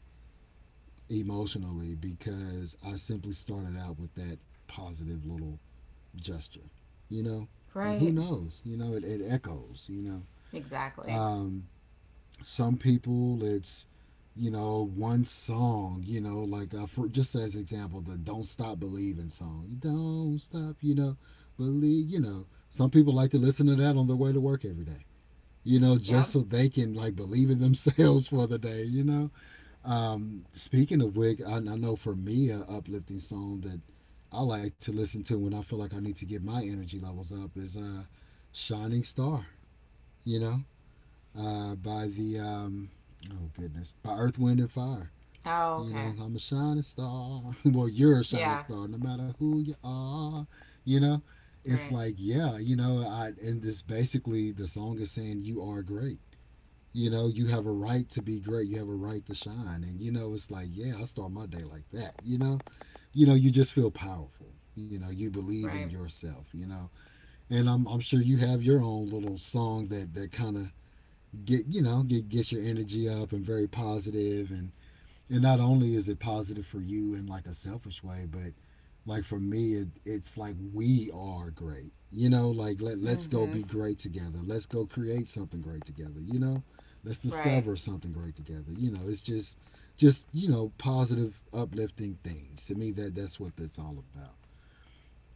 emotionally because I simply started out with that positive little gesture, you know? Like, who Right. knows? You know, it echoes, you know? Exactly. Um, some people it's, you know, one song, you know, like for just as example, the Don't Stop Believing song, you don't stop, you know, believe, you know, some people like to listen to that on their way to work every day, you know, Yep. just so they can like believe in themselves for the day, you know. Um, speaking of which, I know for me, a uplifting song that I like to listen to when I feel like I need to get my energy levels up is uh, Shining Star, you know, by the oh goodness, by Earth, Wind, and Fire. Oh, You okay. know, I'm a shining star. Well, you're a shining Yeah. star, no matter who you are. You know, it's Right. like yeah, you know, I, and this basically the song is saying you are great. You know, you have a right to be great. You have a right to shine, and you know, it's like yeah, I start my day like that. You know, you know, you just feel powerful. You know, you believe in Right. yourself. You know, and I'm sure you have your own little song that that kind of get, you know, get your energy up and very positive, and not only is it positive for you in like a selfish way, but like for me it's like we are great, you know, like let's go Mm-hmm. be great together, let's go create something great together, you know, let's Right. discover something great together, you know, it's just, you know, positive uplifting things to me, that that's what that's all about,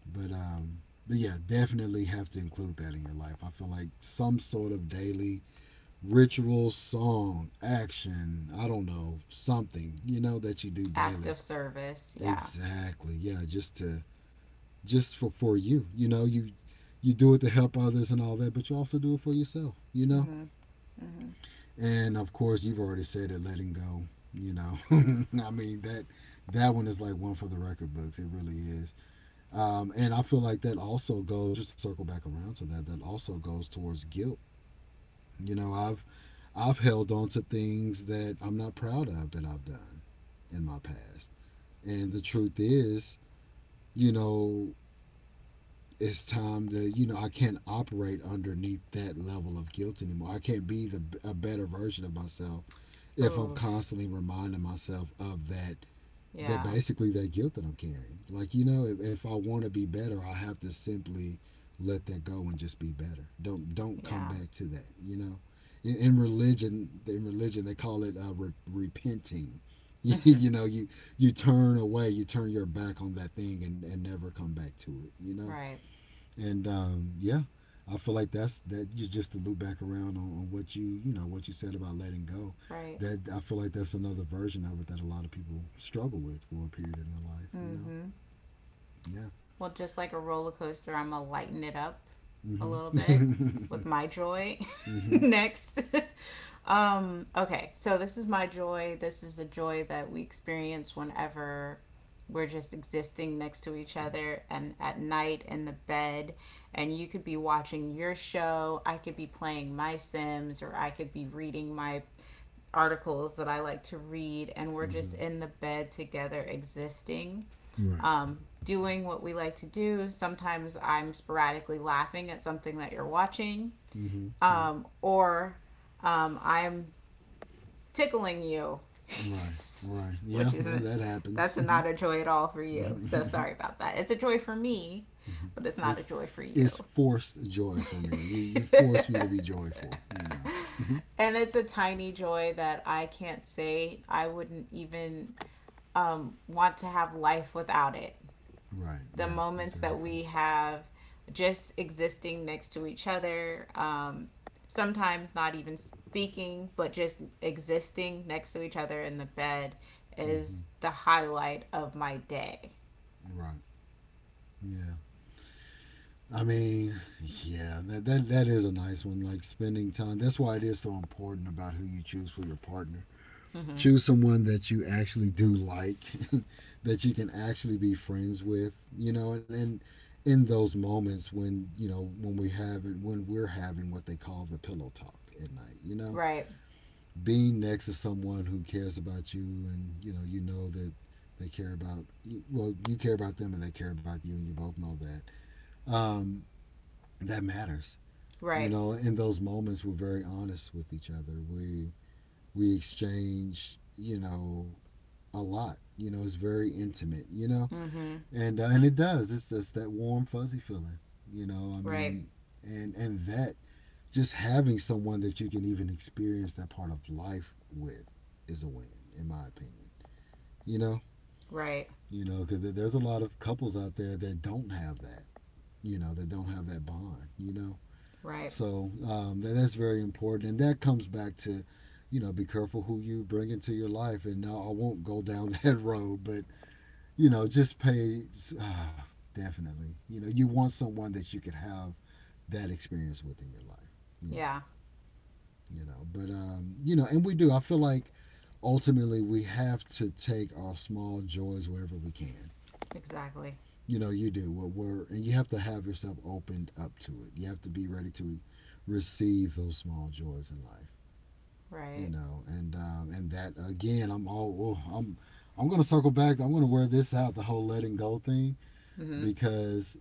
but um, but yeah, definitely have to include that in your life. I feel like some sort of daily ritual, song, action, I don't know, something, you know, that you do Act daily. of service. Yeah. Exactly. Yeah, just to just for you. You know, you do it to help others and all that, but you also do it for yourself, you know? Mm-hmm. Mm-hmm. And of course, you've already said it, letting go, you know. I mean, that that one is like one for the record books. It really is. And I feel like that also goes, just to circle back around to that, that also goes towards guilt. You know, I've held on to things that I'm not proud of that I've done in my past. And the truth is, you know, it's time to, you know, I can't operate underneath that level of guilt anymore. I can't be the a better version of myself if I'm Oof. constantly reminding myself of that, that Yeah. basically that guilt that I'm carrying. Like, you know, if I want to be better, I have to simply let that go and just be better. Don't come Yeah. back to that. You know, in religion they call it repenting. You, Mm-hmm. you know, you you turn away, you turn your back on that thing, and never come back to it. You know, Right. and yeah, I feel like that's that. Just to loop back around on what you said about letting go. Right. That I feel like that's another version of it that a lot of people struggle with for a period in their life. You know. Mm-hmm. Yeah. Well, just like a roller coaster, I'm gonna lighten it up a Mhm. little bit with my joy Mhm. next. Okay, so this is my joy. This is a joy that we experience whenever we're just existing next to each other and at night in the bed, and you could be watching your show, I could be playing my Sims or I could be reading my articles that I like to read, and we're just Mhm. in the bed together existing, Right. um, doing what we like to do. Sometimes I'm sporadically laughing at something that you're watching, Mhm. Yeah. Or I'm tickling you, Right. Right. Yeah. which Yeah. isn't, That that's happens. not a joy at all for you. So Mhm. sorry about that. It's a joy for me, but it's not a it's joy for it's you. forced joy for me. You force me to be joyful. You know. Mhm. And it's a tiny joy that I can't say I wouldn't even want to have life without it. Right. The Yeah. moments that Exactly. we have just existing next to each other, sometimes not even speaking, but just existing next to each other in the bed Mhm. is the highlight of my day. Right. Yeah. I mean, yeah, that is a nice one. Like spending time. That's why it is so important about who you choose for your partner. Mm-hmm. Choose someone that you actually do like, that you can actually be friends with. You know, and in those moments when when we have it, when we're having what they call the pillow talk at night. You know, Right, being next to someone who cares about you, and you know that they care about, well, you care about them, and they care about you, and you both know that. Um, that matters. You right, know, in those moments, we're very honest with each other. We exchange, you know, a lot. You know, it's very intimate. You know, mm-hmm. and it does. It's just that warm fuzzy feeling. You know, I Right, mean, and that, just having someone that you can even experience that part of life with is a win, in my opinion. You know, right, because there's a lot of couples out there that don't have that. You know, that don't have that bond. You know. right. So, that's very important, and that comes back to, you know, be careful who you bring into your life. And now I won't go down that road, but you know, just pay uh, definitely. You know, you want someone that you could have that experience with in your life. You know. Yeah, But and we do. I feel like ultimately we have to take our small joys wherever we can. exactly. You know, you do, and you have to have yourself opened up to it. You have to be ready to receive those small joys in life, you Right. know, and um, and that again. I'm all, oh, I'm gonna circle back. I'm gonna wear this out, the whole letting go thing, Mm-hmm. because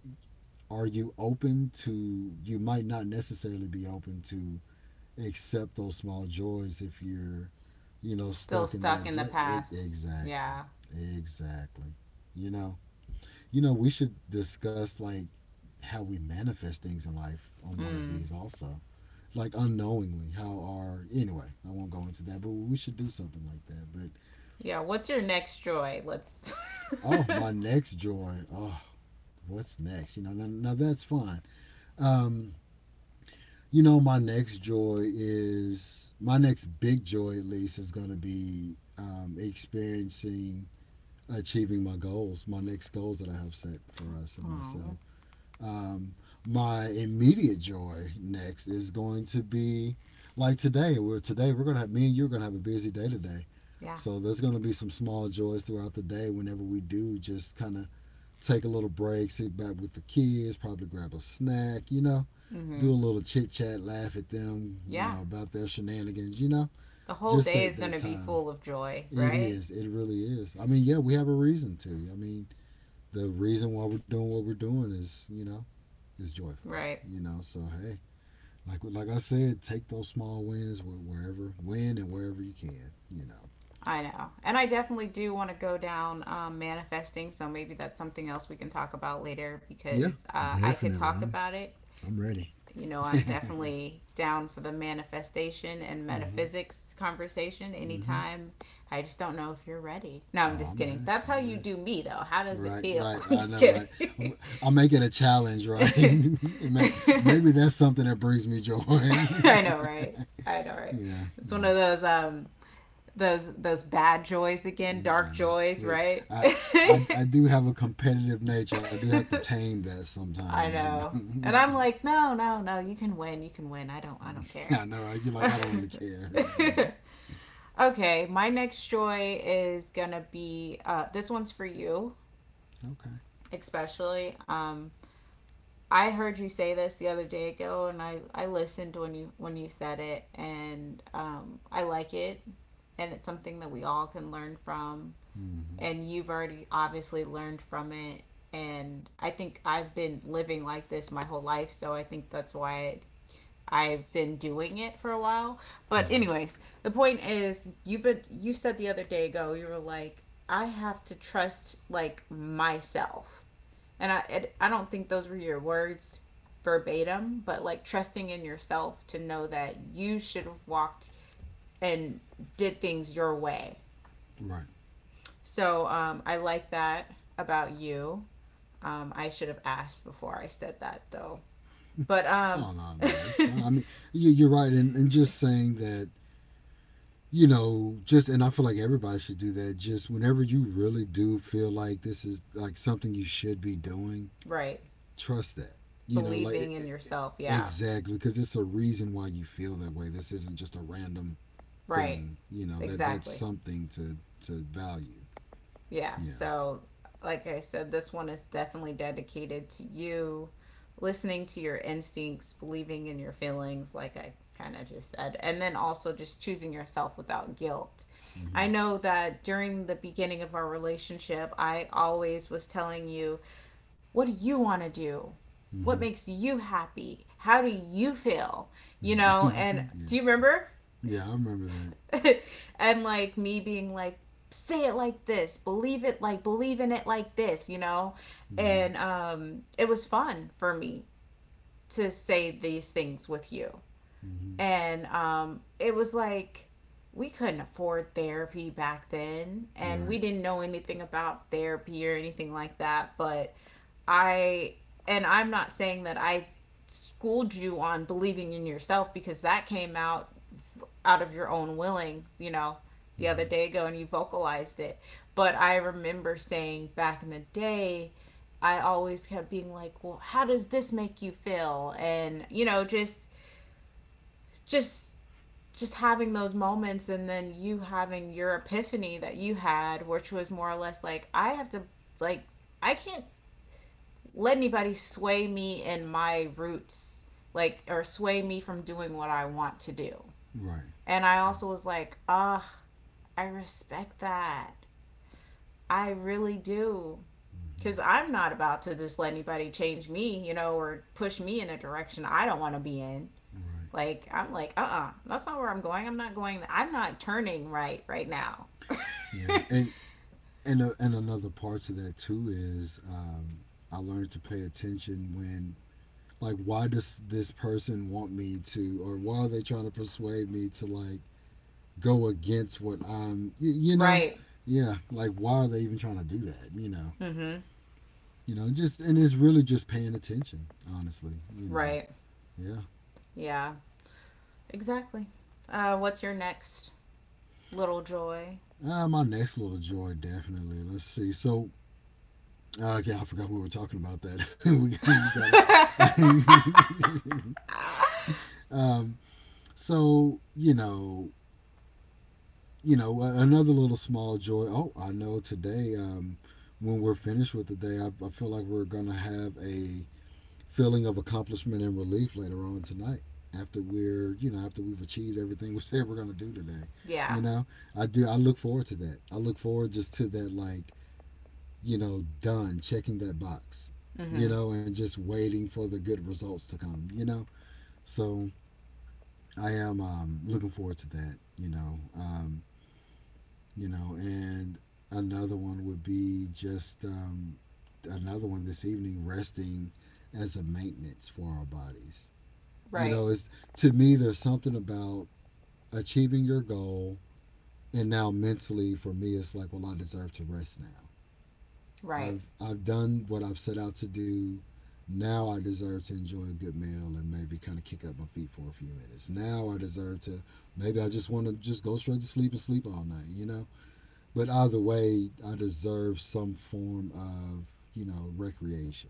are you open to? You might not necessarily be open to accept those small joys if you're, Still stuck in stuck that. in the Get it. past. Exactly. Yeah. Exactly. You know, we should discuss, like, how we manifest things in life on one of Mm. these also, like unknowingly how our anyway. I won't go into that, but we should do something like that. But Yeah. What's your next joy? Let's. oh, my next joy. Oh, what's next? You know, now that's fine. um you know, my next big joy, at least, is going to be, experiencing, achieving my next goals that I have set for us and myself. Oh. Um, my immediate joy next is going to be, like, today. We're Today we're gonna have, me and you're gonna have a busy day today. Yeah. So there's gonna be some small joys throughout the day whenever we do just kind of take a little break, sit back with the kids, probably grab a snack, you know, Mm-hmm. do a little chit chat, laugh at them, you Yeah. know, about their shenanigans, you know, The whole just day at is going that to be time. full of joy, It right? is. It really is. I mean, yeah, we have a reason to. I mean, the reason why we're doing what we're doing is joyful. Right. You know, so hey, like I said, take those small wins wherever, win and wherever you can. You know. I know. And I definitely do want to go down manifesting. So maybe that's something else we can talk about later Yeah, because I could definitely. talk I'm about it. I'm ready. You know, I'm Mhm. definitely down for the manifestation and Mhm. metaphysics conversation anytime. I just don't know if you're ready. No, Oh, I'm just I'm kidding. ready. That's how I'm you ready. do me, though. How does it Right, feel? right. I'm I just know, kidding. right. I'm- I'll make it a challenge, right? Maybe that's something that brings me joy. I know, right? I know, right? Yeah. It's one Mm. of those bad joys again, Mm. I dark know. joys, Look, right? I, I do have a competitive nature. I do have to tame that I sometimes, you know. know. And I'm like, no, no, no, you can win, you can win. I don't I care. know, right? You're like, I don't really care. Mhm. Okay, my next joy is gonna be this one's for you, Okay. especially. I heard you say this the other day ago, and I listened when you said it, and I like it, and it's something that we all can learn from. Mm-hmm. And you've already obviously learned from it, and I think I've been living like this my whole life, so I think that's why I've been doing it for a while. But Mm-hmm. anyways, the point is, you said the other day ago you were like, I have to trust, like, myself, and I don't think those were your words verbatim, but like trusting in yourself to know that you should have walked and did things your way. Right. So I like that about you. I should have asked before I said that though. But Oh, no, no, it's fine. I mean, you're right, and just saying that, you know. Just and I feel like everybody should do that. Just whenever you really do feel like this is, like, something you should be doing, right, trust that. You know, like believing in yourself. Yeah, exactly, because it's a reason why you feel that way. This isn't just a random right, thing. You know that that's exactly. something to value. Yeah, Yeah. so like I said, this one is definitely dedicated to you, listening to your instincts, believing in your feelings like I kind of just said, and then also just choosing yourself without guilt. I Mm-hmm. know that during the beginning of our relationship I always was telling you, what do you want to do, Mm-hmm. what makes you happy, how do you feel, you Right. know, and Yeah. do you remember? Yeah, I remember that. And like me being like, say it like this, believe in it like this, you know? Mm-hmm. And it was fun for me to say these things with you. Mm-hmm. And it was like we couldn't afford therapy back then and we Right. didn't know anything about therapy or anything like that, but I and I'm not saying that I schooled you on believing in yourself, because that came out of your own willing, you know, the other Mm-hmm. day ago and you vocalized it. But I remember saying back in the day, I always kept being like, "Well, how does this make you feel?" And, you know, just just having those moments, and then you having your epiphany that you had, which was more or less like, "I have to, like, I can't let anybody sway me in my roots, like, or sway me from doing what I want to do." Right. And I also was like, "Ah, oh, I respect that. I really do. Because Mm-hmm. I'm not about to just let anybody change me, you know, or push me in a direction I don't want to be in. Right. Like, I'm like, uh, that's not where I'm going. I'm not going, I'm not turning right right now." Yeah, and another part to that too is, I learned to pay attention when, like, why does this person want me to, or why are they trying to persuade me to, like, go against what I'm you know. Right. Yeah, like, why are they even trying to do that, you know. Mm hmm. You know, just and it's really just paying attention, honestly, you know. Right. Yeah. Yeah. Exactly. What's your next little joy? Ah, my next little joy, definitely. Let's see. So, okay, I forgot we were talking about that. we got a, I mean, um, so, you know, another little small joy. Oh, I know, today. When we're finished with the day, I feel like we're gonna have a feeling of accomplishment and relief later on tonight. After we've achieved everything we said we're gonna do today. Yeah. You know, I do. I look forward to that. I look forward just to that, like, you know, done checking that box, Mm you hmm. know, and just waiting for the good results to come, you know. So I am, looking forward to that, you know, and another one would be, just, another one this evening, resting as a maintenance for our bodies. You Right. know, it's to me there's something about achieving your goal, and now mentally for me it's like, well, I deserve to rest now. Right. I've done what I've set out to do. Now I deserve to enjoy a good meal and maybe kind of kick up my feet for a few minutes. Now I deserve to, maybe I just want to just go straight to sleep and sleep all night, you know. But either way, I deserve some form of, you know, recreation,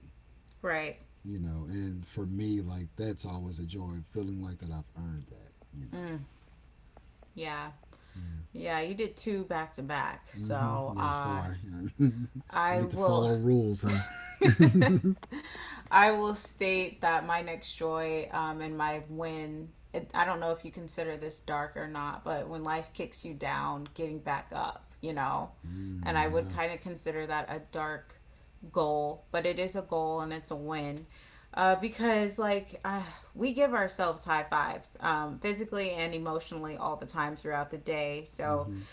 Right. you know. And for me, like, that's always a joy, feeling like that I've earned that, you know. Mm. Yeah. Yeah. Yeah. You did two back to back. Mm-hmm. So, Yeah, sorry. I I need to will. follow rules, huh? Mm, I will state that my next joy and my win. I don't know if you consider this dark or not, but when life kicks you down, getting back up, you know, and I would yeah. kind of consider that a dark goal, but it is a goal and it's a win. Because we give ourselves high fives physically and emotionally all the time throughout the day. So Mm-hmm.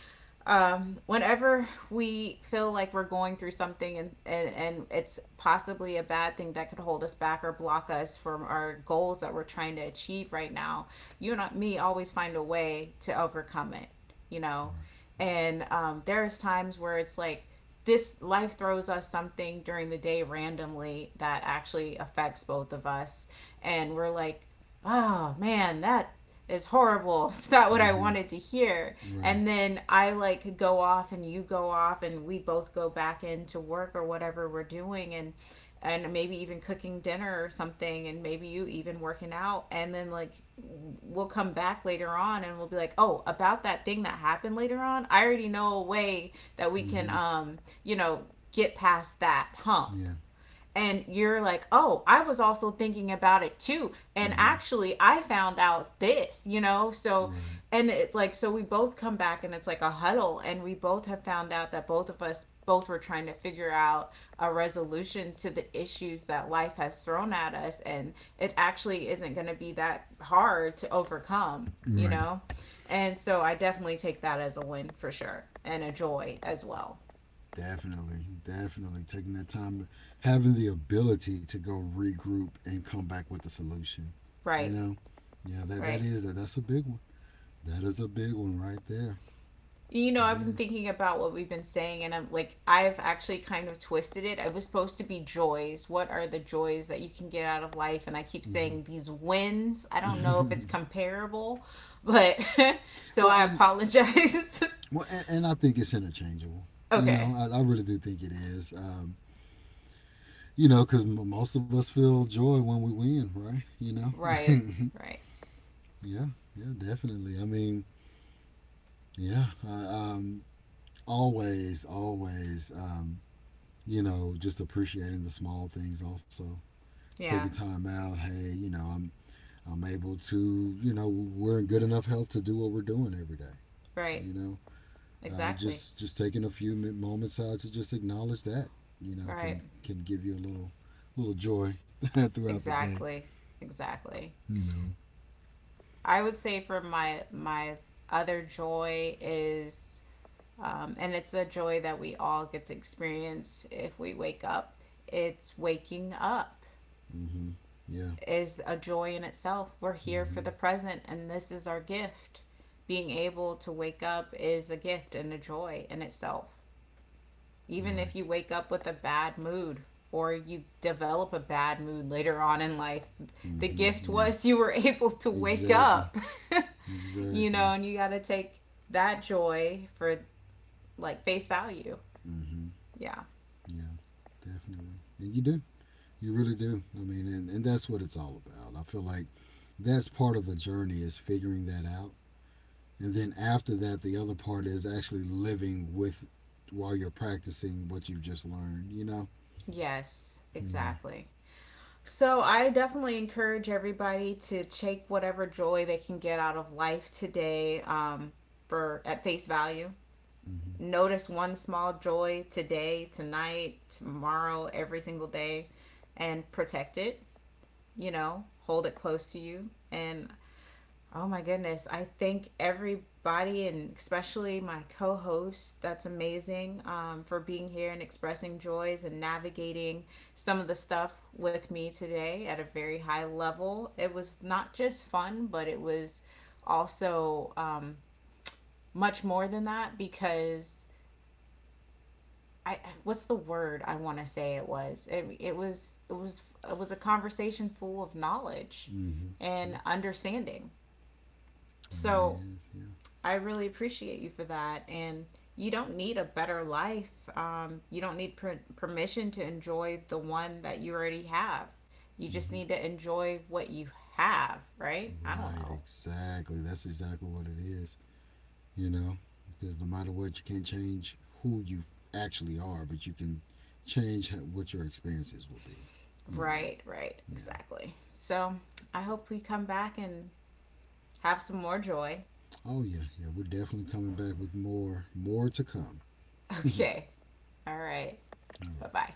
whenever we feel like we're going through something and it's possibly a bad thing that could hold us back or block us from our goals that we're trying to achieve right now, you and me always find a way to overcome it, you know? Wow. And there's times where it's like, this life throws us something during the day randomly that actually affects both of us. And we're like, oh man, that is horrible. It's not what I Mm-hmm. wanted to hear. Right. And then I like go off and you go off and we both go back into work or whatever we're doing, and maybe even cooking dinner or something, and maybe you even working out, and then like we'll come back later on and we'll be like, oh, about that thing that happened later on, I already know a way that we can Mm-hmm. Get past that hump. Yeah. And you're like, oh, I was also thinking about it too. And Mm-hmm. actually, I found out this, you know? So, Right. and so we both come back and it's like a huddle, and we both have found out that both of us both were trying to figure out a resolution to the issues that life has thrown at us. And it actually isn't going to be that hard to overcome, you Right. know? And so I definitely take that as a win for sure and a joy as well. Definitely. Definitely. Taking that time, having the ability to go regroup and come back with a solution. You Right, know. Yeah. That right. is that. That's a big one. That is a big one right there. You know, It I've been is. thinking about what we've been saying, and I'm like, I've actually kind of twisted it. I was supposed to be joys. What are the joys that you can get out of life? And I keep saying these wins. I don't know if Mm-hmm. it's comparable, but so well, I and apologize. well, and I think it's interchangeable. You Okay. know, I really do think it is. You know, because most of us feel joy when we win, right? You know. Right. Right. Yeah. Yeah. Definitely. I mean, yeah. Always, always, you know, just appreciating the small things also. Yeah. Taking time out. Hey, you know, I'm able to, you know, we're in good enough health to do what we're doing every day. Right. You know, Exactly. just taking a few moments out to just acknowledge that, you know, Right. can give you a little joy throughout the day. Exactly. Exactly. You know. I would say for my other joy is. And it's a joy that we all get to experience if we wake up. It's waking up Mm-hmm. Yeah. is a joy in itself. We're here for Mm-hmm. the present, and this is our gift. Being able to wake up is a gift and a joy in itself. Even Right. if you wake up with a bad mood or you develop a bad mood later on in life, the Mm-hmm. gift Yeah. was you were able to wake Exactly. up, you Exactly. know, and you got to take that joy for like face value. Mm-hmm. Yeah. Yeah, definitely. And you do. You really do. I mean, and that's what it's all about. I feel like that's part of the journey, is figuring that out. And then after that, the other part is actually living with, while you're practicing what you've just learned, you know? Yes, Yeah. exactly. So I definitely encourage everybody to take whatever joy they can get out of life today, for at face value. Mm-hmm. Notice one small joy today, tonight, tomorrow, every single day, and protect it. You know, hold it close to you, and oh my goodness. I thank everybody and especially my co host. That's amazing, for being here and expressing joys and navigating some of the stuff with me today at a very high level. It was not just fun, but it was also much more than that because. I, what's the word I want to say, it was it was it was a conversation full of knowledge Mm-hmm. and Yeah, understanding, it really so is. Yeah. I really appreciate you for that. And you don't need a better life. You don't need permission to enjoy the one that you already have. You just Mm-hmm. need to enjoy what you have, right? I don't Right, know. exactly. That's exactly what it is. You know, because no matter what, you can't change who you actually are, but you can change what your experiences will be, you know. Right, right, Yeah. exactly. So I hope we come back and have some more joy. Oh yeah, yeah. We're definitely coming back with more, more to come. All Okay. All right. Bye right. bye.